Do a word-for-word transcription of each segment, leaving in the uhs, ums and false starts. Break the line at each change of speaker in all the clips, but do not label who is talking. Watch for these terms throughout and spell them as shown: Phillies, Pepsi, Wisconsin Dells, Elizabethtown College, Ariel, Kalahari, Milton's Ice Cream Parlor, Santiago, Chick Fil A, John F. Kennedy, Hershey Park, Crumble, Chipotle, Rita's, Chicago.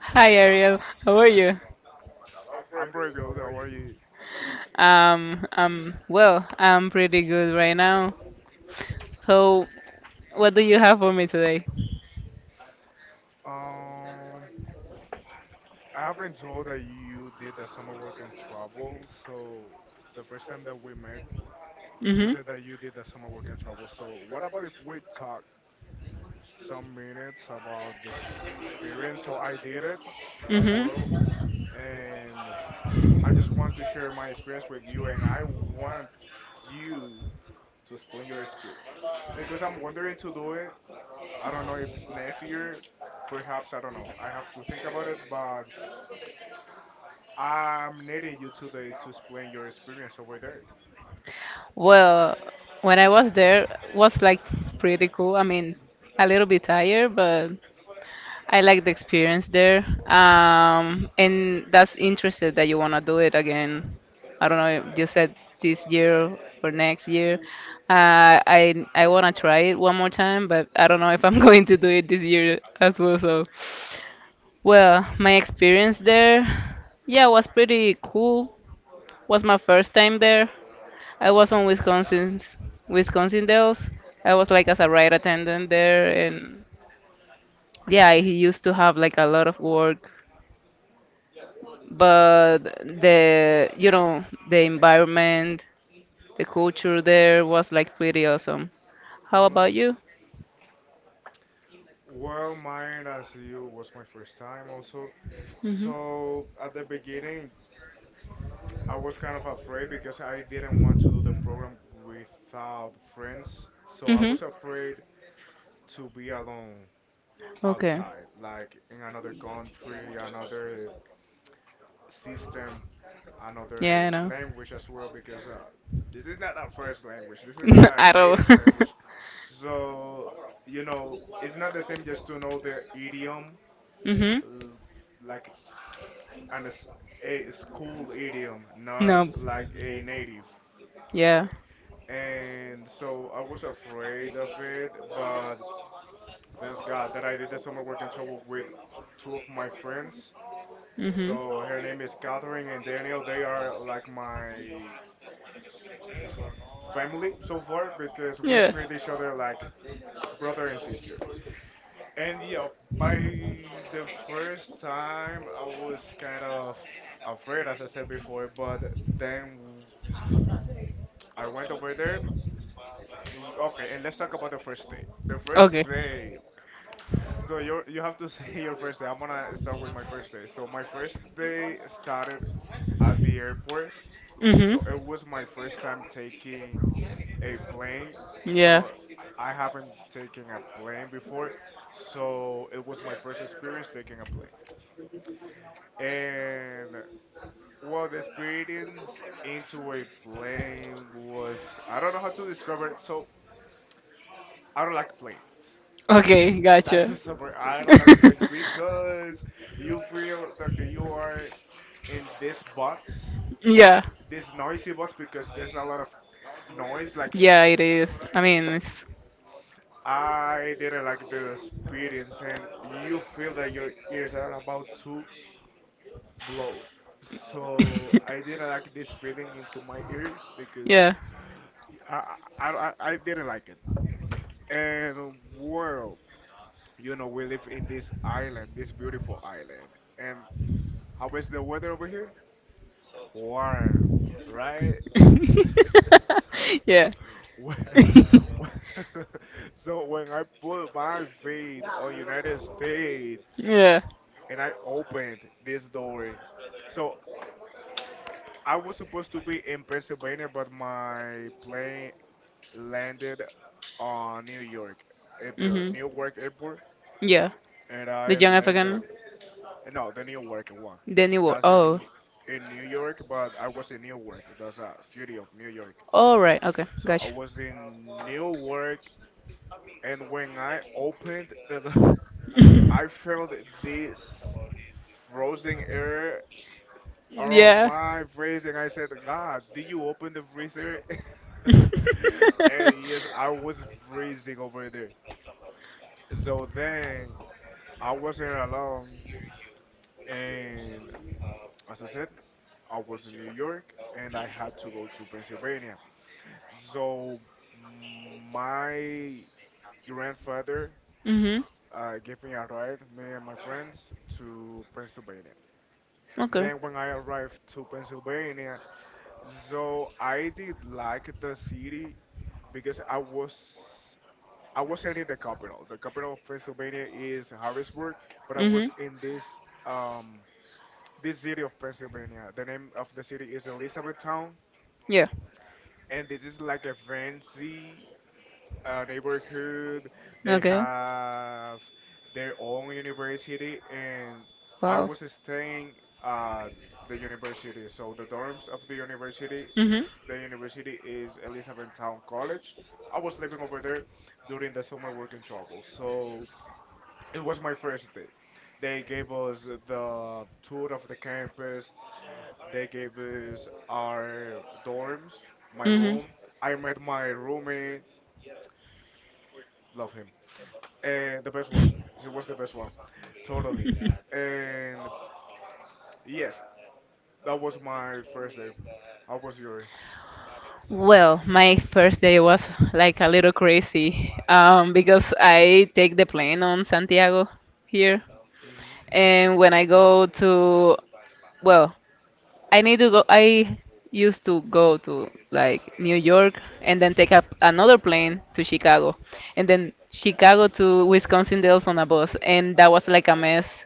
Hi Ariel, how are you?
I'm very good. How are you?
Um, um, well, I'm pretty good right now. So, what do you have for me today?
Um, I have been told that you did the summer work and travel. So the first time that we met, you said that you did the summer work and travel. So what about if we talk some minutes about this experience? So I did it
Mhm.
as well,
Mhm.
and I just want to share my experience with you, and I want you to explain your experience because I'm wondering to do it. I don't know if next year, perhaps. I don't know. I have to think about it, but I'm needing you today to explain your experience over there.
Well, when I was there, was like pretty cool. I mean, a little bit tired, but I like the experience there. Um, and that's interested that you want to do it again. I don't know if you said this year or next year. Uh, I I want to try it one more time, but I don't know if I'm going to do it this year as well. So, well, my experience there, yeah, was pretty cool. Was my first time there. I was on Wisconsin's Wisconsin Dells. I was like as a ride attendant there, and yeah, I used to have like a lot of work but the you know the environment, the culture there was like pretty awesome. How
Mm, all
about
right.
you?
Well, mine as you was my first time also.
Mhm.
So at the beginning, I was kind of afraid because I didn't want to do the program without friends. So I
Mhm.
was afraid to be alone
Okay.
outside, like in another country, another system,
Yeah,
another
I know.
language as well, because uh, this is not our first language. This is not our
Arrow.
native language. So, you know, it's not the same just to know the idiom,
Mm-hmm.
uh, like and a, s- a school idiom, not
No.
like a native.
Yeah.
And so I was afraid of it, but thanks God that I did the summer work in trouble with two of my friends.
Mm-hmm.
So her name is Catherine and Daniel. They are like my family so far because we
Yeah.
treat each other like brother and sister. And yeah, by the first time I was kind of afraid, as I said before, but then I went over there. and- Okay, and let's talk about the first day. The first
Okay.
day. So you you have to say your first day. I'm gonna start with my first day. So my first day started at the airport. So
Mm-hmm.
it was my first time taking a plane.
Yeah.
So I haven't taken a plane before. So it was my first experience taking a plane. And well, the experience into a plane was I don't know how to describe it. So I don't like planes.
Okay,
That's the
gotcha.
summary. I don't like planes because you feel that you are in this box,
Yeah.
this noisy box because there's a lot of noise like shh.
Yeah, it is. I mean, it's.
I didn't like the experience, and you feel that your ears are about to blow. So I didn't like this feeling into my ears because
Yeah.
I I, I I didn't like it. And world, you know, we live in this island, this beautiful island. And how is the weather over here? Warm, right?
Yeah.
When- when- so when I put my feet on United States
Yeah.
and I opened this door, so I was supposed to be in Pennsylvania, but my plane landed on New York at the
Mhm.
Newark airport,
Yeah.
and
The
I
young
landed
African,
no the Newark one.
the new world.
That's in
Oh.
New- in New York, but I was in Newark. That's a city of New York.
All right. Okay.
So I
Gotcha.
was in Newark and when I opened the door, I felt this frozen air around
Yeah.
my face, and I said, "God, did you open the freezer?" And yes, I was freezing over there. So then I wasn't alone, and as I said, I was in New York, and I had to go to Pennsylvania. So my grandfather
Mhm.
uh, gave me a ride, me and my friends, to Pennsylvania.
Okay.
Then when I arrived to Pennsylvania, so I did like the city because I was I wasn't in the capital. The capital of Pennsylvania is Harrisburg, but I was
Mm-hmm.
in this um this city of Pennsylvania. The name of the city is Elizabethtown,
Yeah.
and this is like a fancy a neighborhood. They
Okay.
have their own university, and I
Wow.
was staying at the university. So the dorms of the university,
Mm-hmm. Mm-hmm.
the university is Elizabethtown College. I was living over there during the summer working trouble. So it was my first day. They gave us the tour of the campus. They gave us our dorms, my room. I met my roommate. Love him. Uh, the best one. He was the best one. Totally. And yes, that was my first day. How was yours?
Well, my first day was like a little crazy um, because I take the plane on Santiago here,
hmm
and when I go to well, I need to go. I used to go to like New York and then take up another plane to Chicago, and then Chicago to Wisconsin Dells on a bus, and that was like a mess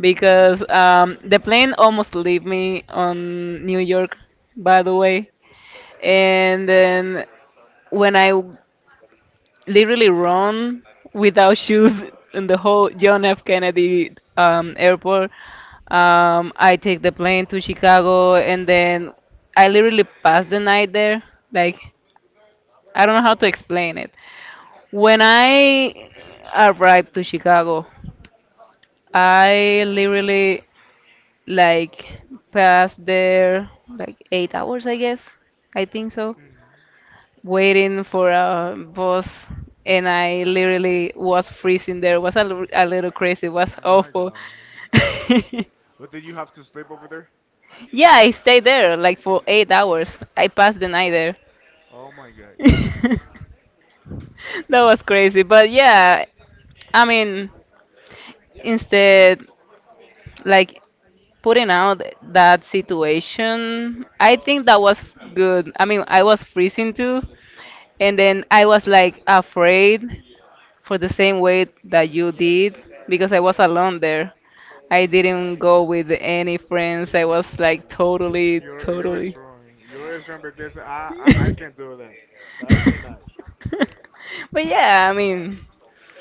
because um, the plane almost leave me on New York, by the way, and then when I literally run without shoes in the whole John F. Kennedy um, airport. Um, I take the plane to Chicago and then I literally pass the night there. Like, I don't know how to explain it. When I arrived to Chicago, I literally like passed there like eight hours, I guess. I think so.
hmm
Waiting for a bus and I literally was freezing there. It was a, lit- a little crazy. It was
My
awful.
God. But did you have to sleep over there?
Yeah, I stayed there like for eight hours. I passed the night there.
Oh my God.
That was crazy. But yeah, I mean, instead, like putting out that situation, I think that was good. I mean, I was freezing too. And then I was like afraid for the same way that you did because I was alone there. I didn't go with any friends. I was like
Mm,
totally,
you're you're
totally.
strong. You're strong because I, I I can do that. I cannot.
But yeah, I mean,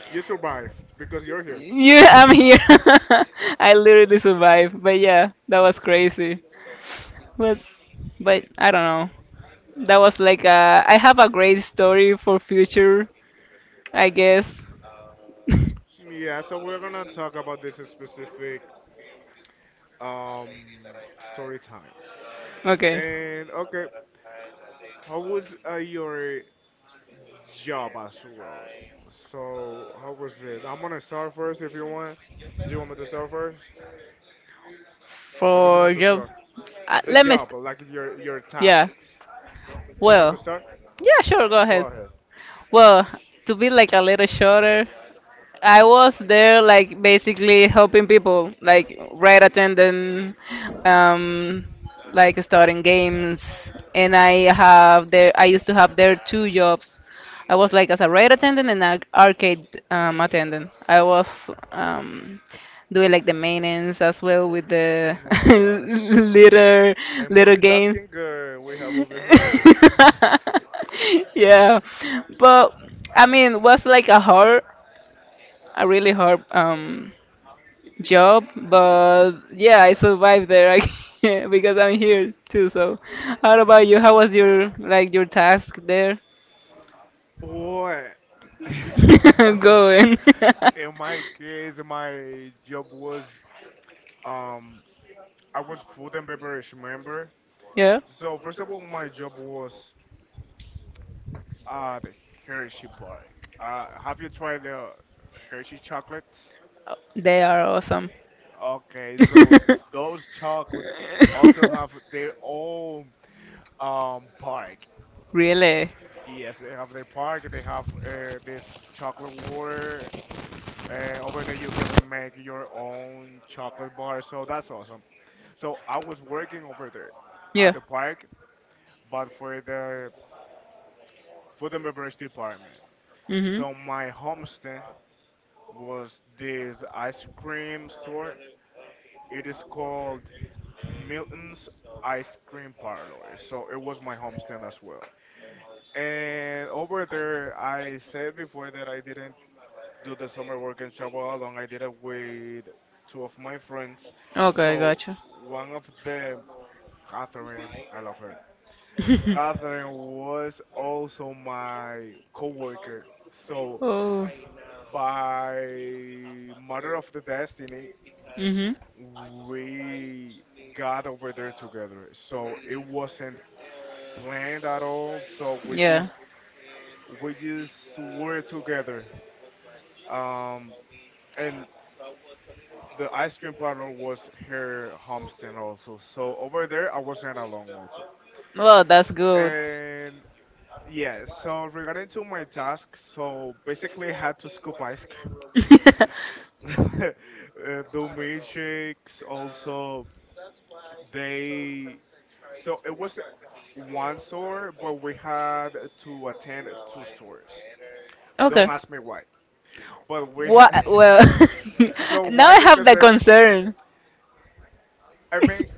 You survived because you're here.
you, I'm here. I literally survived. But yeah, that was crazy. But, but I don't know. That was like a, I have a great story for future, I guess.
Yeah. So we're gonna talk about this specific um story time.
Okay.
And okay, how was uh, your job as well. So how was it? I'm gonna start first if you want. Do you want me to start first, or do you
For
want to
job.
start?
Uh,
The
let me. St-
job, like your your
yeah.
tasks. Do you want
Well.
to start?
Yeah, sure. Go
Go
ahead.
ahead.
Well, to be like a little shorter. I was there, like basically helping people, like right attending, um, like starting games, and I have there. I used to have there two jobs. I was like as a raid attendant and an arcade um, attendant. I was um, doing like the maintenance as well with the
Mm, oh my gosh.
little
A
little games.
multitasking girl we have over here.
Yeah, but I mean, was like a hard a really hard um job, but yeah, I survived there I- because I'm here too. So, how about you? How was your like your task there?
What?
Going.
In my case, my job was um I was food and beverage member.
Yeah.
So
Oh,
first of all, my job was ah, the Hershey Park. Uh, have you tried the Hershey chocolates?
they are awesome.
Okay, so those chocolates also have their own um park.
Really?
Yes, they have their park. They have uh, this chocolate water. Uh, over there, you can make your own chocolate bar. So that's awesome. So I was working over there
Yeah.
at the park, but for the food and beverage department.
Mm-hmm.
So my homestead was this ice cream store. It is called Milton's Ice Cream Parlor. So it was my homestand as well. And over there, I said before that I didn't do the summer work in Chabot I did it with two of my friends.
Okay,
So
gotcha.
one of them, Catherine, I love her. Catherine was also my coworker. So
Oh.
by matter of the destiny,
Mm-hmm.
we got over there together. So it wasn't planned at all. So we
Yeah.
just we just were together. Um, and the ice cream parlor was her homestead also. So over there I wasn't alone also.
Well, that's good.
And yeah, so regarding to my task, so basically I had to scoop ice cream. Uh, Do milkshakes also they so it was one store, but we had to attend two stores. Don't
Okay.
ask me why, but we. Ha-
What? Well,
so
now
why?
I have
Because
the
they.
concern.
I mean,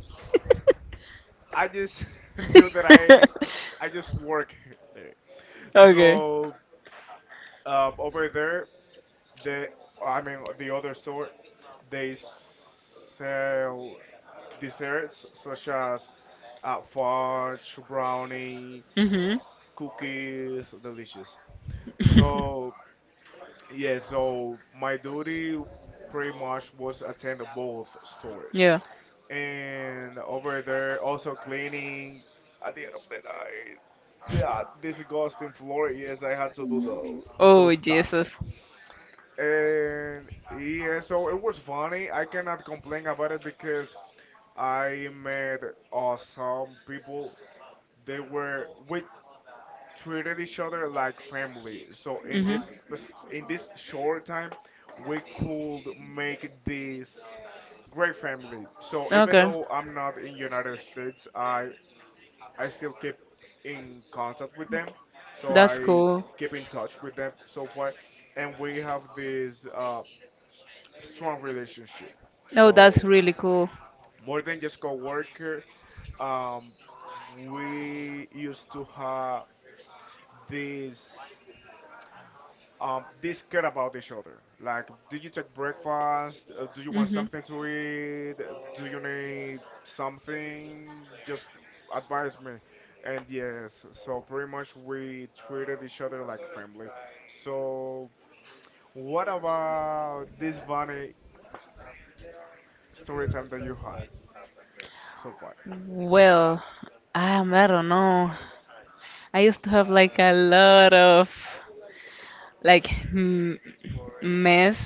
I just knew that I. I just work there.
Okay.
So uh, over there, the. I mean, the other store, they sell desserts such as uh, fudge, brownie,
Mhm.
cookies, delicious. So yeah, so my duty pretty much was attend to both stores.
Yeah.
And over there, also cleaning at the end of the night. That disgusting floor, yes, I had to do the
Oh
those
Jesus.
tasks. And yeah, so it was funny. I cannot complain about it because I met awesome people. They were we treated each other like family. So in
Mhm.
this spec- in this short time, we could make this great family. So even though I'm not in United States, I I still keep
Okay.
in contact with them. So
That's
I
cool.
keep in touch with them so far, and we have this uh, strong relationship.
No, that's
So
really cool.
more than just coworker, um, we used to have this um this care about each other like do you take breakfast. Uh, do you want
Hmm.
something to eat, do you need something, just advise me. And yes, so pretty much we treated each other like family. So what about this funny story time that you had so far?
Well, um, I don't know. I used to have like a lot of like m- mess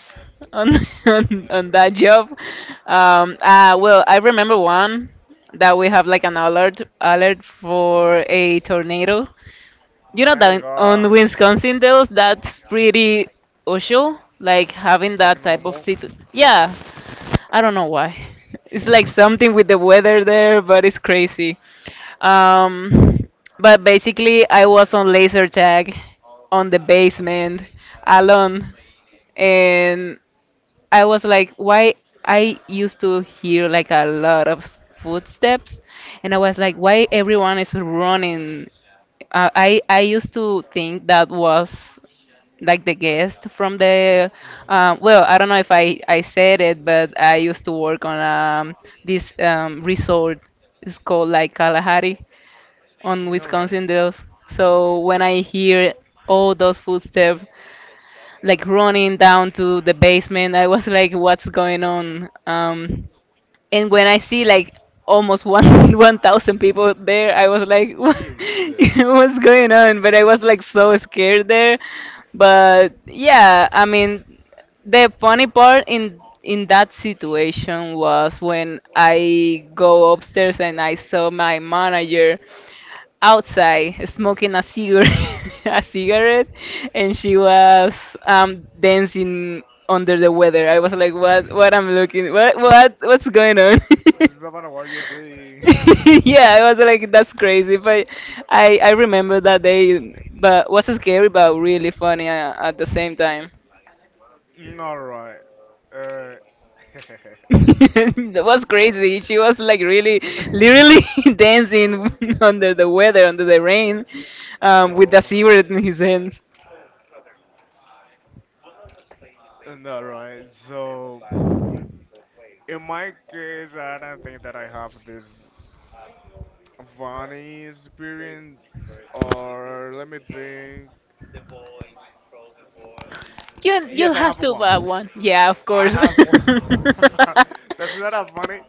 on, on on that job. Um, uh, well, I remember one that we have like an alert alert for a tornado. You know
My
that on
gosh
Wisconsin Dells, that's pretty usual, like having
Like
that type of
normal.
situation. Yeah, I don't know why. It's like something with the weather there, but it's crazy. Um, but basically, I was on laser tag on the basement alone, and I was like, why I used to hear like a lot of footsteps, and I was like, why everyone is running? Uh, I I used to think that was like the guest from the
hmm
um, well i don't know if i i said it but i used to work on um, this um, resort it's called like Kalahari on
all right.
Wisconsin Dells so when i hear all those footsteps like running down to the basement. I was like, what's going on? Um, and when I see like almost one one thousand people there, I was like, what,
jesus
what's going on? But I was like so scared there. But yeah, I mean, the funny part in in that situation was when I go upstairs and I saw my manager outside smoking a cigarette, a cigarette, and she was um dancing under the weather. I was like, what? What I'm looking? What?
W-
What? What's going on?
Savannah, what are you doing?
Yeah, I was like, that's crazy. But I I remember that day, but was scary but really funny uh, at the same time.
Mm, all right. Uh,
That was crazy. She was like really, literally dancing under the weather, under the rain, um, with
oh
a
my god.
cigarette in his hands.
Mm, all right. So in my case, I don't think that I have this funny experience. Or let me think.
You you
Yes, I
has
have
to buy
one.
one. Yeah, of
I
course.
have one. That's not a funny.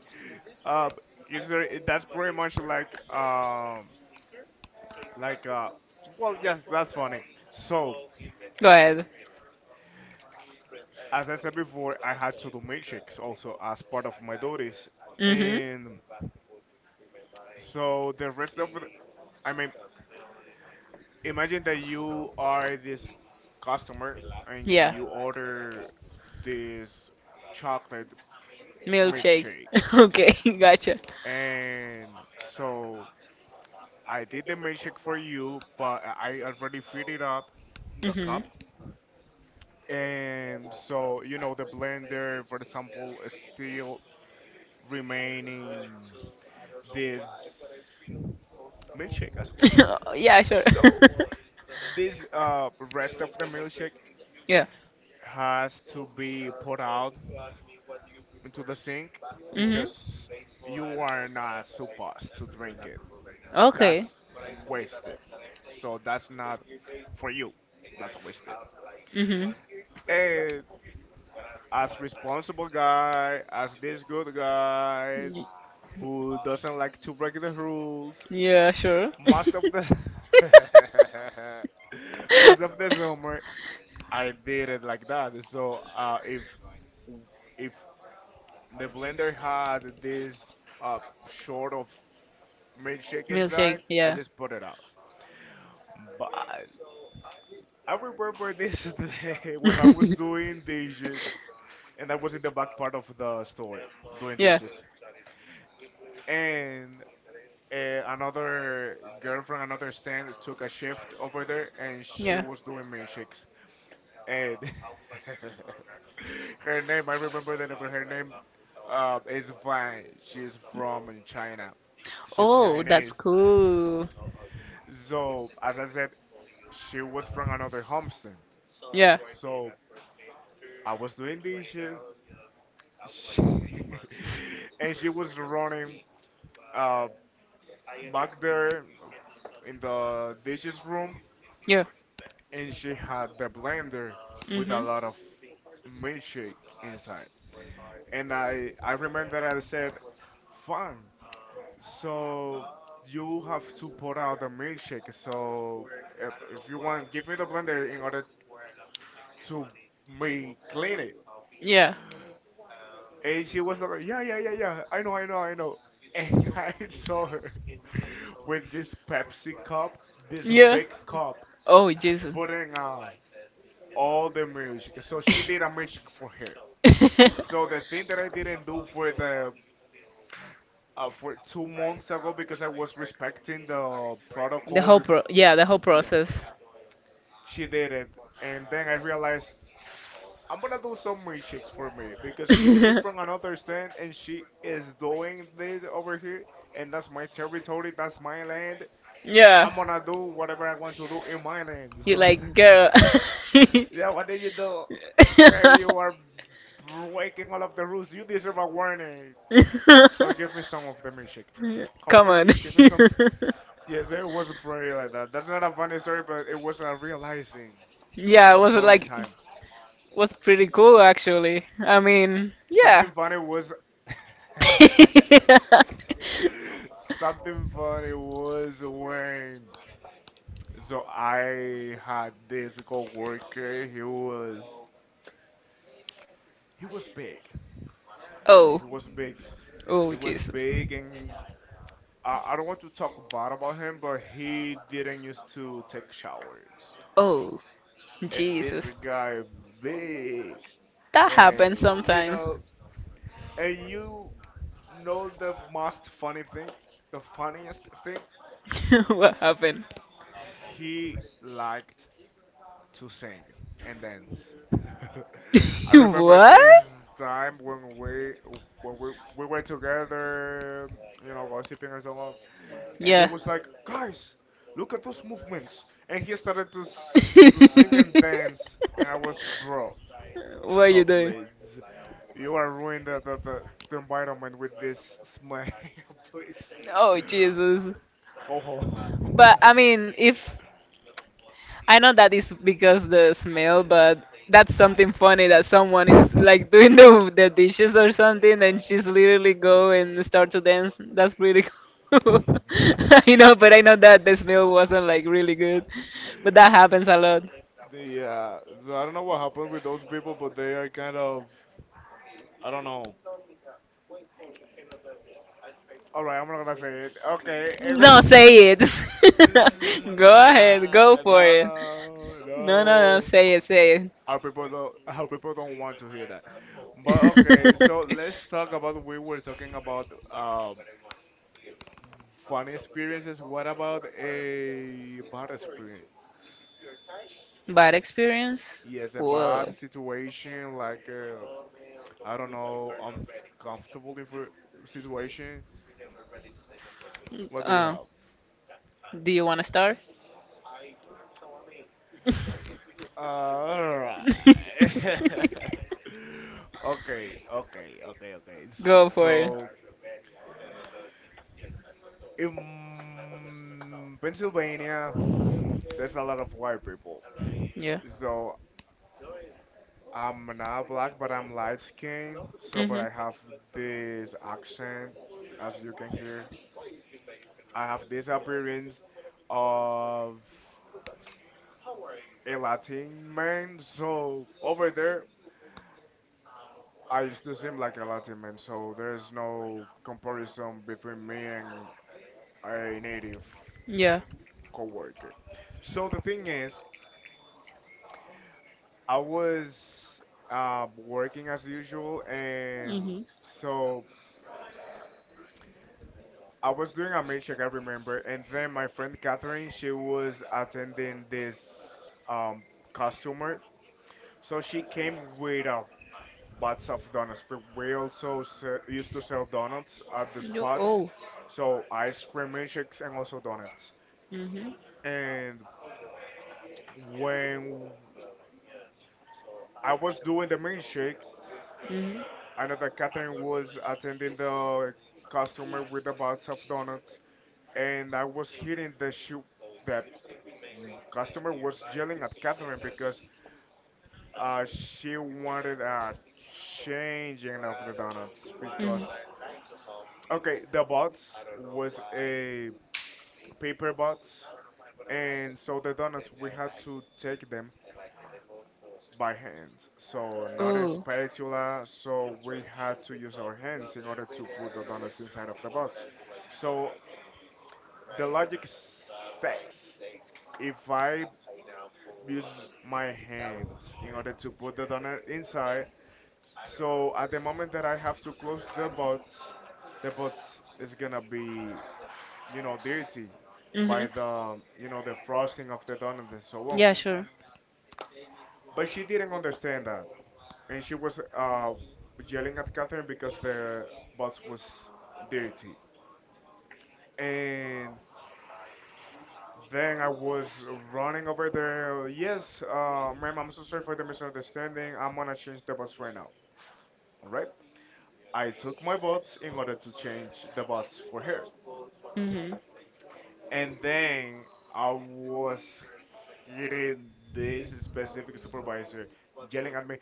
Uh, is there, that's pretty much like um like uh well yes that's funny. So
Go ahead.
as I said before, I had to do milkshakes also as part of my duties.
Mhm.
And so the rest of the, I mean, imagine that you are this customer and
Yeah.
you order this chocolate
Milkshake.
milkshake.
Okay, gotcha.
And so I did the milkshake for you, but I I already filled it up, the
Mhm.
cup. And so, you know, the blender, for example, is still remaining this milkshake as well.
Yeah, sure.
So this uh, rest of the milkshake
Yeah.
has to be put out into the sink
Mhm.
because you are not supposed to drink it. That's
Okay.
wasted. So that's not for you. That's wasted.
Mm-hmm.
And as responsible guy, as this good guy
Y-
who doesn't like to break the rules,
Yeah, sure.
most of the most of the summer I did it like that. So uh, if if the blender had this uh, short of milkshake inside,
Milkshake,
I
yeah.
just put it out. But I remember this day when I was doing dishes, and I was in the back part of the store doing
Yeah.
dishes, and uh, another girl from another stand took a shift over there, and she was doing milkshakes. And her name, I remember that, but her name uh, is Vine. She's from China. She's
Oh, that's
Chinese.
cool.
So, as I said, she was from another homestead.
Yeah.
So, I was doing dishes, she and she was running uh, back there in the dishes room,
Yeah.
and she had the blender with a
Mhm.
lot of milkshake inside. And I I remember I said, "Fine, so you have to pour out the milkshake. So if, if you want, give me the blender in order to me clean it."
Yeah.
And she was like, "Yeah, yeah, yeah, yeah. I know, I know, I know." And I saw her with this Pepsi cup, this
Yeah.
big cup,
Oh, Jesus.
putting out all the milkshake. So she did a milkshake for her. So the thing that I didn't do for the uh, for two months ago because I was respecting the
the
protocol.
whole
Re-
pro yeah, the whole
yeah,
process.
she did it, and then I realized I'm gonna do some milkshakes for me because if she's from another stand and she is doing this over here, and that's my territory, that's my land,
Yeah.
I'm gonna do whatever I want to do in my land.
You
So,
like girl.
yeah, what did you do? Girl, you are breaking all of the rules. You deserve a warning. But give me some of the milkshake. Come
Come
over
on.
here, give me some. Yes, it was a prayer like that. That's not a funny story, but it was a realizing
Yeah, it was
story
like
time.
was pretty cool actually. I mean, yeah.
Something funny was something funny was when so I had this coworker. He was he was big.
Oh.
He was big.
Oh,
He was
Jesus.
big, and I, I don't want to talk bad about him, but he didn't used to take showers.
Oh,
And this
Jesus.
guy big,
That happens
and you
sometimes.
know, and you know the most funny thing, the funniest thing,
What happened?
he liked to sing and dance. I remember
What?
this time when we when we, we were together, you know, gossiping and so on, and he
Yeah.
was like, "Guys, look at those movements," and he started to s- to sing and dance, and I was, "Bro,
What are you
stop,
doing?
please! You are ruining the the, the, the environment with this smell, please."
Oh Jesus.
Go
But
home.
I mean, if I know that is because the smell, but that's something funny that someone is like doing the the dishes or something, and she's literally go and start to dance. That's pretty cool. You know, but I know that the smell wasn't like really good, but that happens a lot.
Yeah. So I don't know what happened with those people, but they are kind of I don't know. All right, I'm not gonna say it.
No,
Okay.
say it. Go ahead,
Nah,
go for it.
no,
No, no, no.
no.
Say it, say
Our people don't. Our people don't want to hear that. But okay, so
it.
let's talk about. We were talking about um funny experiences. What about a bad experience?
Bad experience?
Yes, a
Whoa.
bad situation, like uh, I don't know, uncomfortable info situation. What do you
Oh,
have?
do you want to start?
Uh, alright. Okay, okay, okay, okay.
Go for it.
So in Pennsylvania, there's a lot of white people.
Yeah.
So I'm not black, but I'm light skinned. So, but
Mhm.
I have this accent, as you can hear. I have this appearance of a Latin man, so over there I used to seem like a Latin man, so there's no comparison between me and a native
Yeah.
coworker. So the thing is, I was uh, working as usual, and
Mhm.
so I was doing a mail check, I remember, and then my friend Catherine, she was attending this um, customer, so she came with a butts of donuts. But we also se- used to sell donuts at the
Yo,
spot,
oh.
so ice cream milkshakes and also donuts.
Mhm.
And when I was doing the milkshake,
Mhm. Mhm.
I know that Catherine was attending the customer with the box of donuts, and I was hearing that she, the customer was yelling at Catherine because uh, she wanted a changing of the donuts because okay, the box was a paper bots, and so the donuts we had to take them by hand. So not a
Oh.
spatula, so we had to use our hands in order to put the donuts inside of the bots. So the logic says if I use my hands in order to put the donut inside, so at the moment that I have to close the bots, the bots is gonna be you know dirty by
Mhm.
the you know the frosting of the donut and so on.
Yeah, sure.
But she didn't understand that, and she was uh, yelling at Catherine because the bus was dirty. And then I was running over there. Yes, uh, ma'am, I'm so sorry for the misunderstanding. I'm gonna change the bus right now. All right. I took my bots in order to change the bots for her,
Mhm.
and then I was hitting this specific supervisor, yelling at me,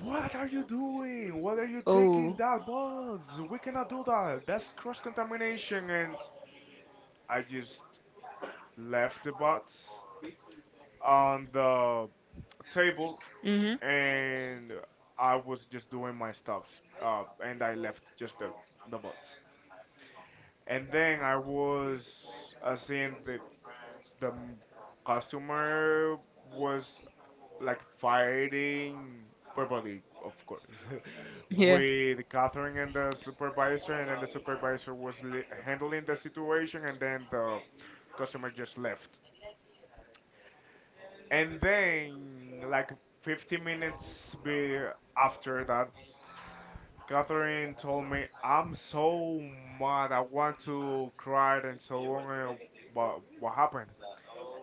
what are you doing? What are you taking
Oh.
that bus? We cannot do that. That's cross contamination. And I just left the bus on the table
Mhm.
and I was just doing my stuffs. Uh, and I left just the, the bus. And then I was uh, seeing the, the m- customer was like fighting verbally, of course,
Yeah.
with Catherine and the supervisor, and then the supervisor was li- handling the situation, and then the customer just left. And then, like fifteen minutes be after that, Catherine told me, "I'm so mad. I want to cry and so on. Uh, What what happened?"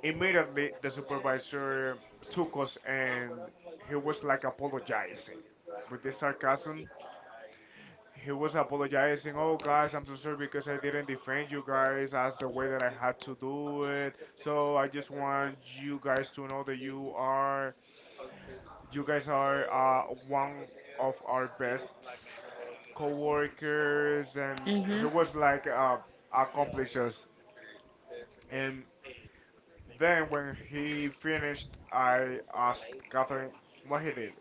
Immediately, the supervisor took us and he was like apologizing with this sarcasm. He was apologizing, oh guys, I'm so sorry because I didn't defend you guys as the way that I had to do it. So I just want you guys to know that you are, you guys are uh, one of our best co-workers and he
Mhm.
was like uh, accomplishes. And then, when he finished, I asked Catherine what he did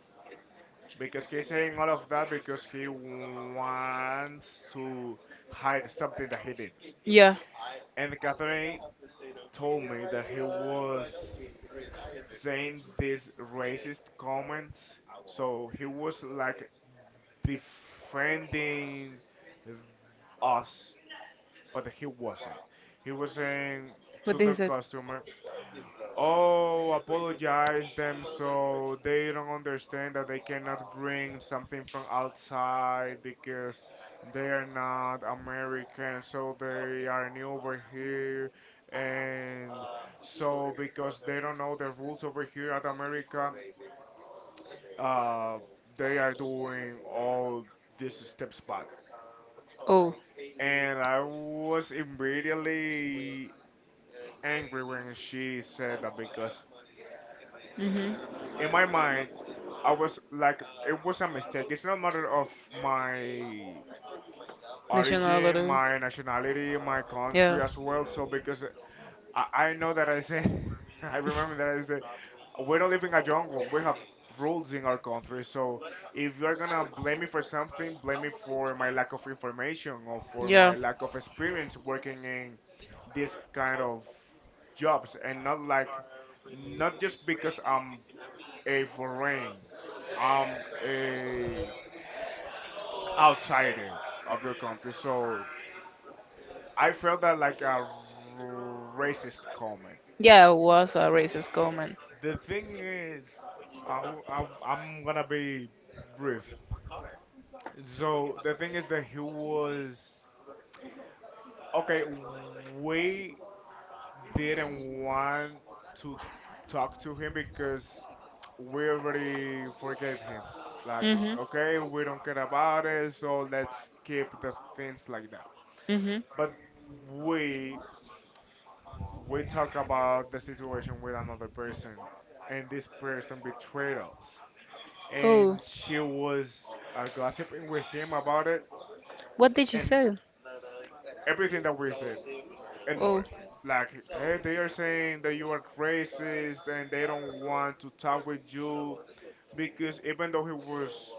because he's saying all of that because he wants to hide something that he did.
Yeah.
And Catherine told me that he was saying these racist comments, so he was like defending us, but he wasn't. He was saying to
What What
the
is said?
customer, oh, apologize them so they don't understand that they cannot bring something from outside because they are not American, so they are new over here. And so, because they don't know the rules over here at America, uh, they are doing all these steps bad.
Oh,
And I was immediately angry when she said that because
mm-hmm.
in my mind, I was like, it was a mistake. It's not a matter of my
National
origin,
Lottery.
my nationality, my country
Yeah.
as well. So because I, I know that I say, I remember that I said, we don't live in a jungle. We have rules in our country. So if you're gonna blame me for something, blame me for my lack of information or for my
Yeah.
lack of experience working in this kind of jobs, and not like, not just because I'm a foreign. I'm a outsider of your country. So I felt that like a racist comment.
Yeah, it was a racist comment.
The thing is, I, I, I'm gonna be brief. So the thing is that he was okay. We didn't want to talk to him because we already forgave him. Like,
Mm-hmm.
okay, we don't care about it, so let's keep the things like that.
Mm-hmm.
But we we talk about the situation with another person and this person betrayed us and
Oh,
she was uh, gossiping with him about it
what did you
and
say?
everything that we said and more
Oh.
like hey they are saying that you are racist and they don't want to talk with you because even though he was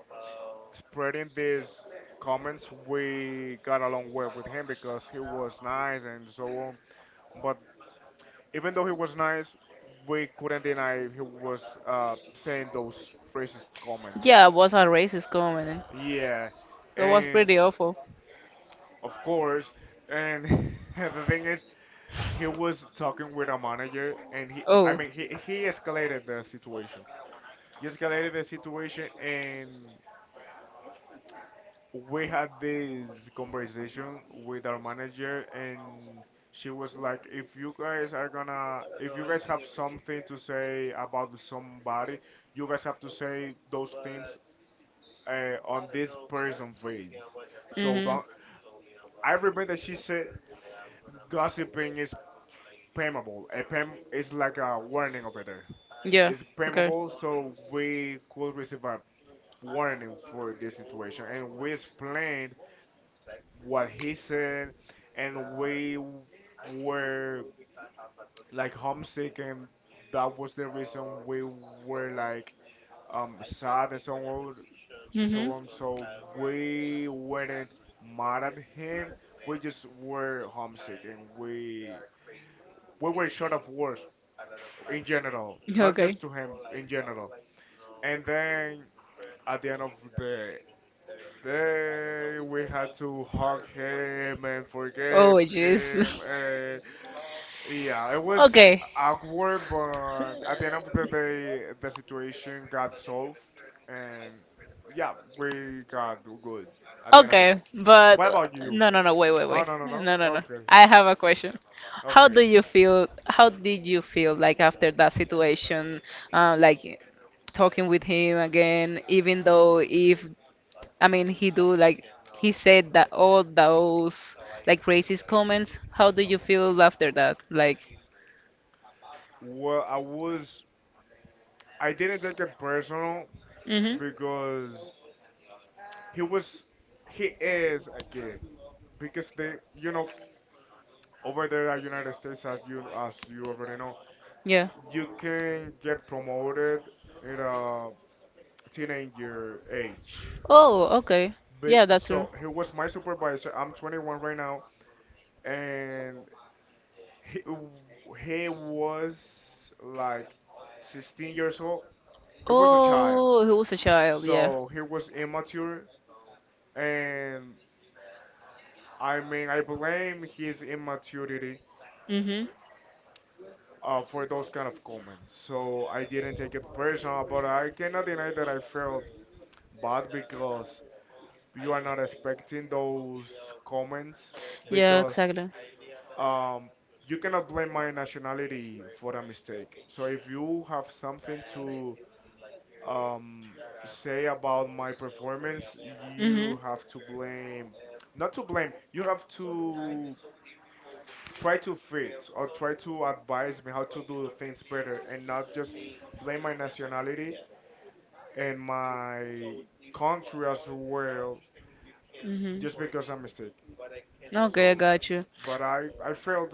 spreading these comments we got along well with him because he was nice and so on but even though he was nice, we couldn't deny he was uh, saying those racist comments.
Yeah, it was a racist comment.
Yeah,
That was
and
pretty awful.
of course, and the thing is, he was talking with a manager, and he, I
Oh.
mean, he he escalated the situation. He escalated the situation, and we had this conversation with our manager and she was like if you guys are gonna if you guys have something to say about somebody you guys have to say those things uh, on this person face so
Mhm.
don't I remember that she said gossiping is pammable a pam is like a warning over there
Yeah.
it's
Okay.
pammable so we could receive a warning for this situation and we explained what he said, and we w- were like homesick, and that was the reason we were like um sad and so on and so
Mhm.
on. So we weren't mad at him. We just were homesick, and we we were short of words in general, not
Okay.
just to him in general. And then at the end of the day, we had to hug him and
Oh,
forgive
jeez.
him. Yeah, it was
Okay.
awkward, but at the end of the day, the situation got solved, and yeah, we got good at the end of the
Okay,
day.
but
What about you?
no, no, no, wait, wait,
Oh,
wait.
no, no, no.
No, no, no.
Okay,
I have a question. How do
okay.
you feel? How did you feel like after that situation? Uh, like talking with him again, even though if I mean he do like he said that all those like racist comments. How do you feel after that? Like,
Well, I was, I didn't take it personal
mm-hmm,
because he was, he is a kid. Because they, you know, over there at United States, as you as you already know,
yeah.
you can get promoted in a teenager age.
Oh, okay.
But,
Yeah, that's true.
so he was my supervisor. I'm twenty-one right now, and he he was like sixteen years old. It was a child,
Oh, he was a child. Yeah.
so he was immature, and I mean I blame his immaturity.
Mm-hmm.
Uh, for those kind of comments, so I didn't take it personal, but I cannot deny that I felt bad because you are not expecting those comments
Yeah,
because
exactly.
um, you cannot blame my nationality for a mistake. So if you have something to um, say about my performance,
Mhm.
you have to blame, not to blame, you have to try to fit or try to advise me how to do things better and not just blame my nationality and my country as well
Mhm.
just because I'm mistake.
Okay, I
So,
got you.
but I I felt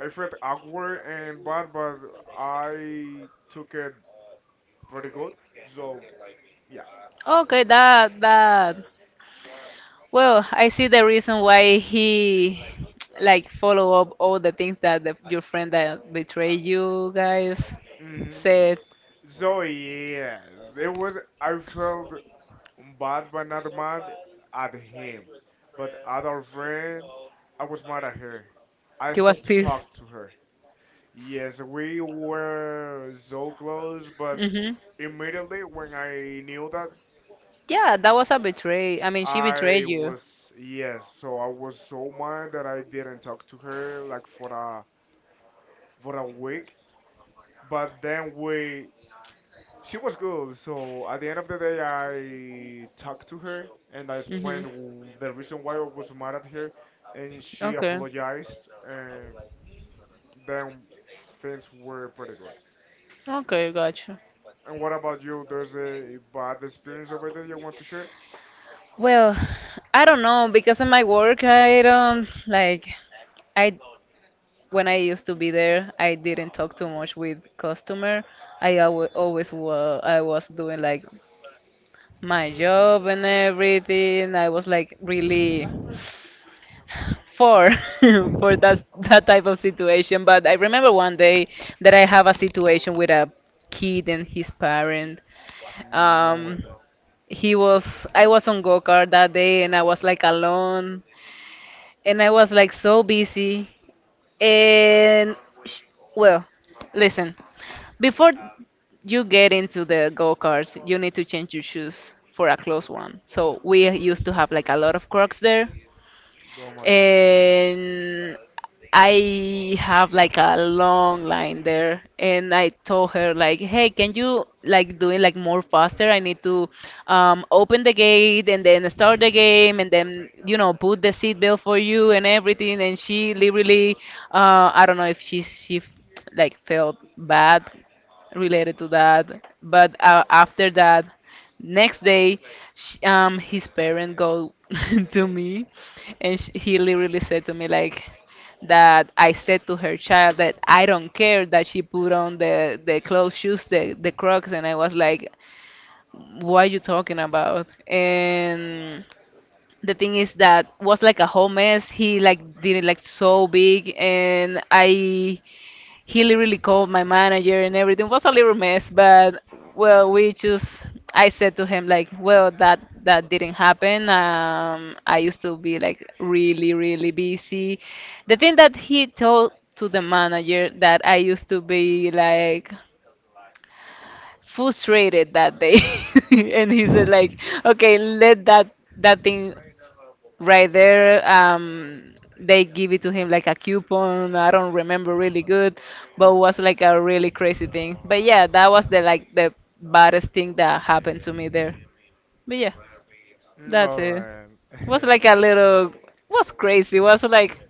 I felt awkward and bad, but I took it pretty good. So yeah.
Okay, that that. Well, I see the reason why he like follow up all the things that the, your friend that betrayed you guys
Hmm.
said.
So yes, it was. I felt bad, but not mad at him. But at our friend, I was mad at her. I
He was
stopped to talk
pissed.
to her. Yes, we were so close, but
Mhm.
immediately when I knew that,
Yeah, that was a betray. I mean, she betrayed
I
you.
was yes, so I was so mad that I didn't talk to her like for a for a week. But then we she was good, so at the end of the day I talked to her and I explained
Mhm.
w- the reason why I was mad at her and she
Okay.
apologized and then things were pretty good.
Okay, gotcha.
And what about you? There's a bad experience over there you want to share?
Well, I don't know because in my work I don't like I when I used to be there I didn't talk too much with customer. I always always wa I was doing like my job and everything. I was like really for for that that type of situation. But I remember one day that I have a situation with a kid and his parent.
Mm, oh my
Um,
god.
he was I was on go-kart that day and I was like alone and I was like so busy and sh- well listen before you get into the go-karts you need to change your shoes for a close one so we used to have like a lot of crocs there
Oh my God.
and I have like a long line there and I told her like hey can you like do it like more faster I need to um, open the gate and then start the game and then you know put the seatbelt for you and everything and she literally uh, I don't know if she she f- like felt bad related to that but uh, after that next day, sh um, his parent go to me, and sh he literally said to me like that I said to her child that I don't care that she put on the the clothes, shoes, the the Crocs, and I was like, what are you talking about? And the thing is that was like a whole mess. He like did it like so big, and I he literally called my manager and everything. It was a little mess but well we just i said to him like well that that didn't happen um I used to be like really really busy. The thing that he told to the manager that i used to be like frustrated that day, and he said like okay let that that thing right there um they give it to him like a coupon I don't remember really good but was like a really crazy thing but yeah that was the like the baddest thing that happened to me there but yeah
Mm,
that's
all
it
right.
was like a little was crazy was like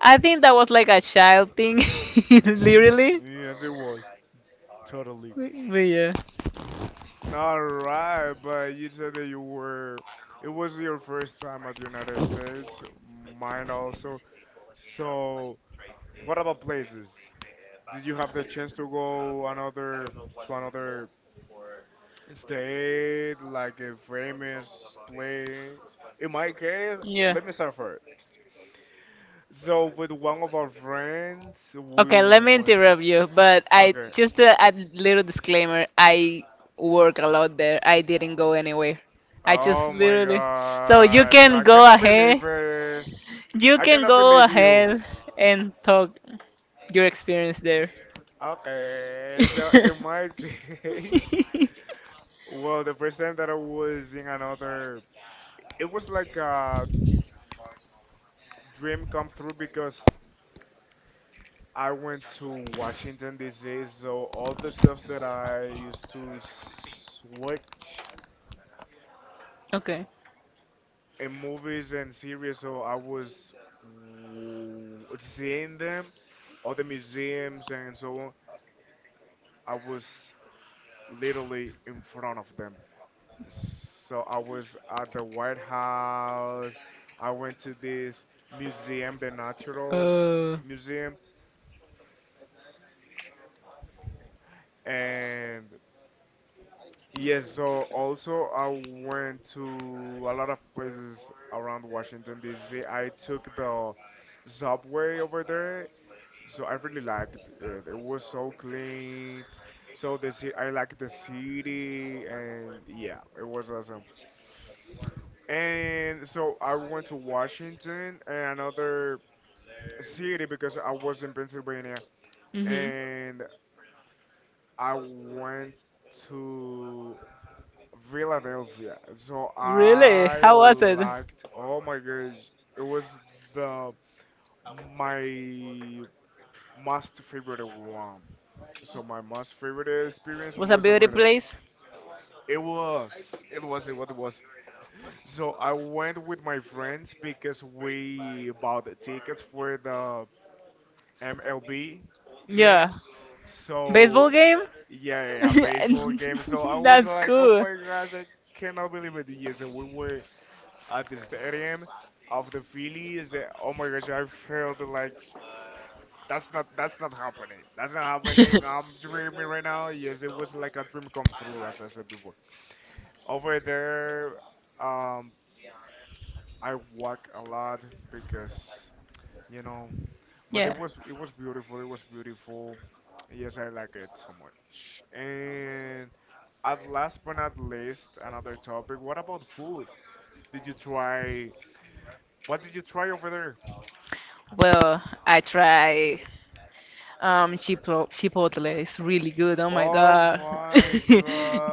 i think that was like a child thing. Literally
Yes, it was totally.
but yeah
All right, but you said that you were. It was your first time at the United States, mine also. So, what about places? Did you have the chance to go another to another state, like a famous place? In my case,
yeah.
let me start first. So, with one of our friends, we
Okay, let me
went.
interrupt you, but I
Okay,
just a, a little disclaimer. I work a lot there. I didn't go anywhere. I just
oh my
literally. So you
gosh,
can
I
go
cannot
ahead.
believe it.
You
I
can
cannot
go
believe you.
ahead and talk your experience there.
Okay, so in my case, well, the first time that I was in another, it was like a dream come through because I went to Washington, D C, so all the stuff that I used to s- watch
Okay.
in movies and series, so I was w- seeing them, all the museums and so on. I was literally in front of them. So I was at the White House. I went to this museum, the Natural
Oh.
Museum, and yes, so also I went to a lot of places around Washington D C. I took the subway over there, so I really liked it. It was so clean. So the ci- I liked the city, and yeah, it was awesome. And so I went to Washington and another city because I was in Pennsylvania.
Mhm.
And I went to Philadelphia. So
Really?
I
How was it?
liked, oh my gosh, it was the my most favorite one. So my most favorite experience
Was a
was
beauty
over there.
place?
It was, it was, it was, it was. So I went with my friends because we bought the tickets for the M L B
Yeah.
game.
Baseball
So
game?
yeah, a baseball game. So I was
That's
like, oh
cool.
my gosh, I cannot believe it. Yes, and we were at the stadium of the Phillies. And oh my gosh, I felt like that's not that's not happening. That's not happening. I'm dreaming right now. Yes, it was like a dream come true, as I said before. Over there, um, I walk a lot because you know, but
Yeah.
it was it was beautiful. It was beautiful. Yes, I like it so much. And at last but not least, another topic. What about food? Did you try? What did you try over there?
Well, I try um chipo chipotle. It's really good. Oh my
Oh
god.
my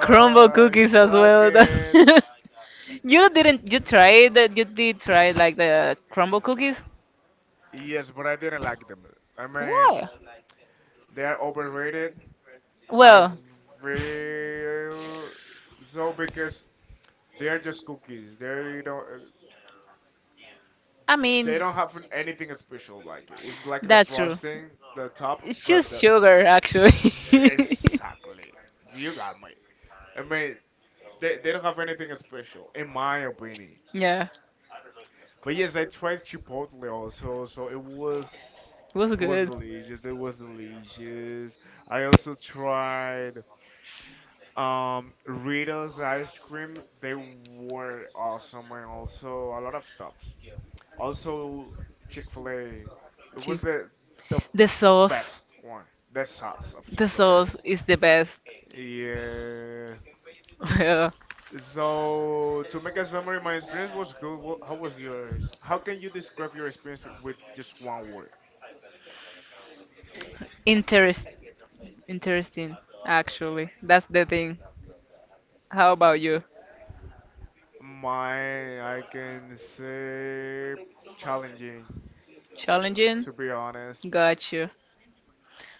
Crumble cookies as
clock
well.
it.
you didn't you tried that you did try like the crumble cookies?
Yes, but I didn't like them. I mean,
Why?
they are overrated. I
Well,
feel so because they are just cookies. They don't.
I
They
mean
don't have an- anything special like it. It's like the
that's true.
frosting, the top,
It's
but
just
the
sugar, actually.
Sh- exactly. You got me. I mean, they they don't have anything special in my opinion.
Yeah,
But yes, I tried Chipotle also, so it was
it was
it was
good.
delicious. It was delicious. I also tried um Rita's ice cream. They were awesome and also a lot of stuff. Also, Chick Fil A. It was
Cheese.
the the
The sauce,
best one. The sauce of Chick
the
Fil A.
sauce is the best.
Yeah.
Yeah.
So to make a summary, my experience was good. Wha- How was yours? How can you describe your experience with just one word?
Interest, interesting, actually. That's the thing. How about you?
Mine, I can say challenging,
Challenging?
to be honest.
Got you.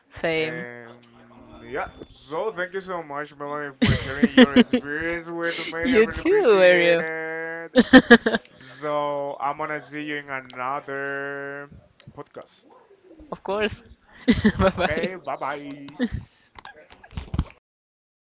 Same.
And yeah, so thank you so much, Melanie, for sharing your experience with me. I
You
really
too,
appreciate
Ariel.
it. So I'm gonna see you in another podcast.
Of course. Bye
Okay, bye
bye.
bye.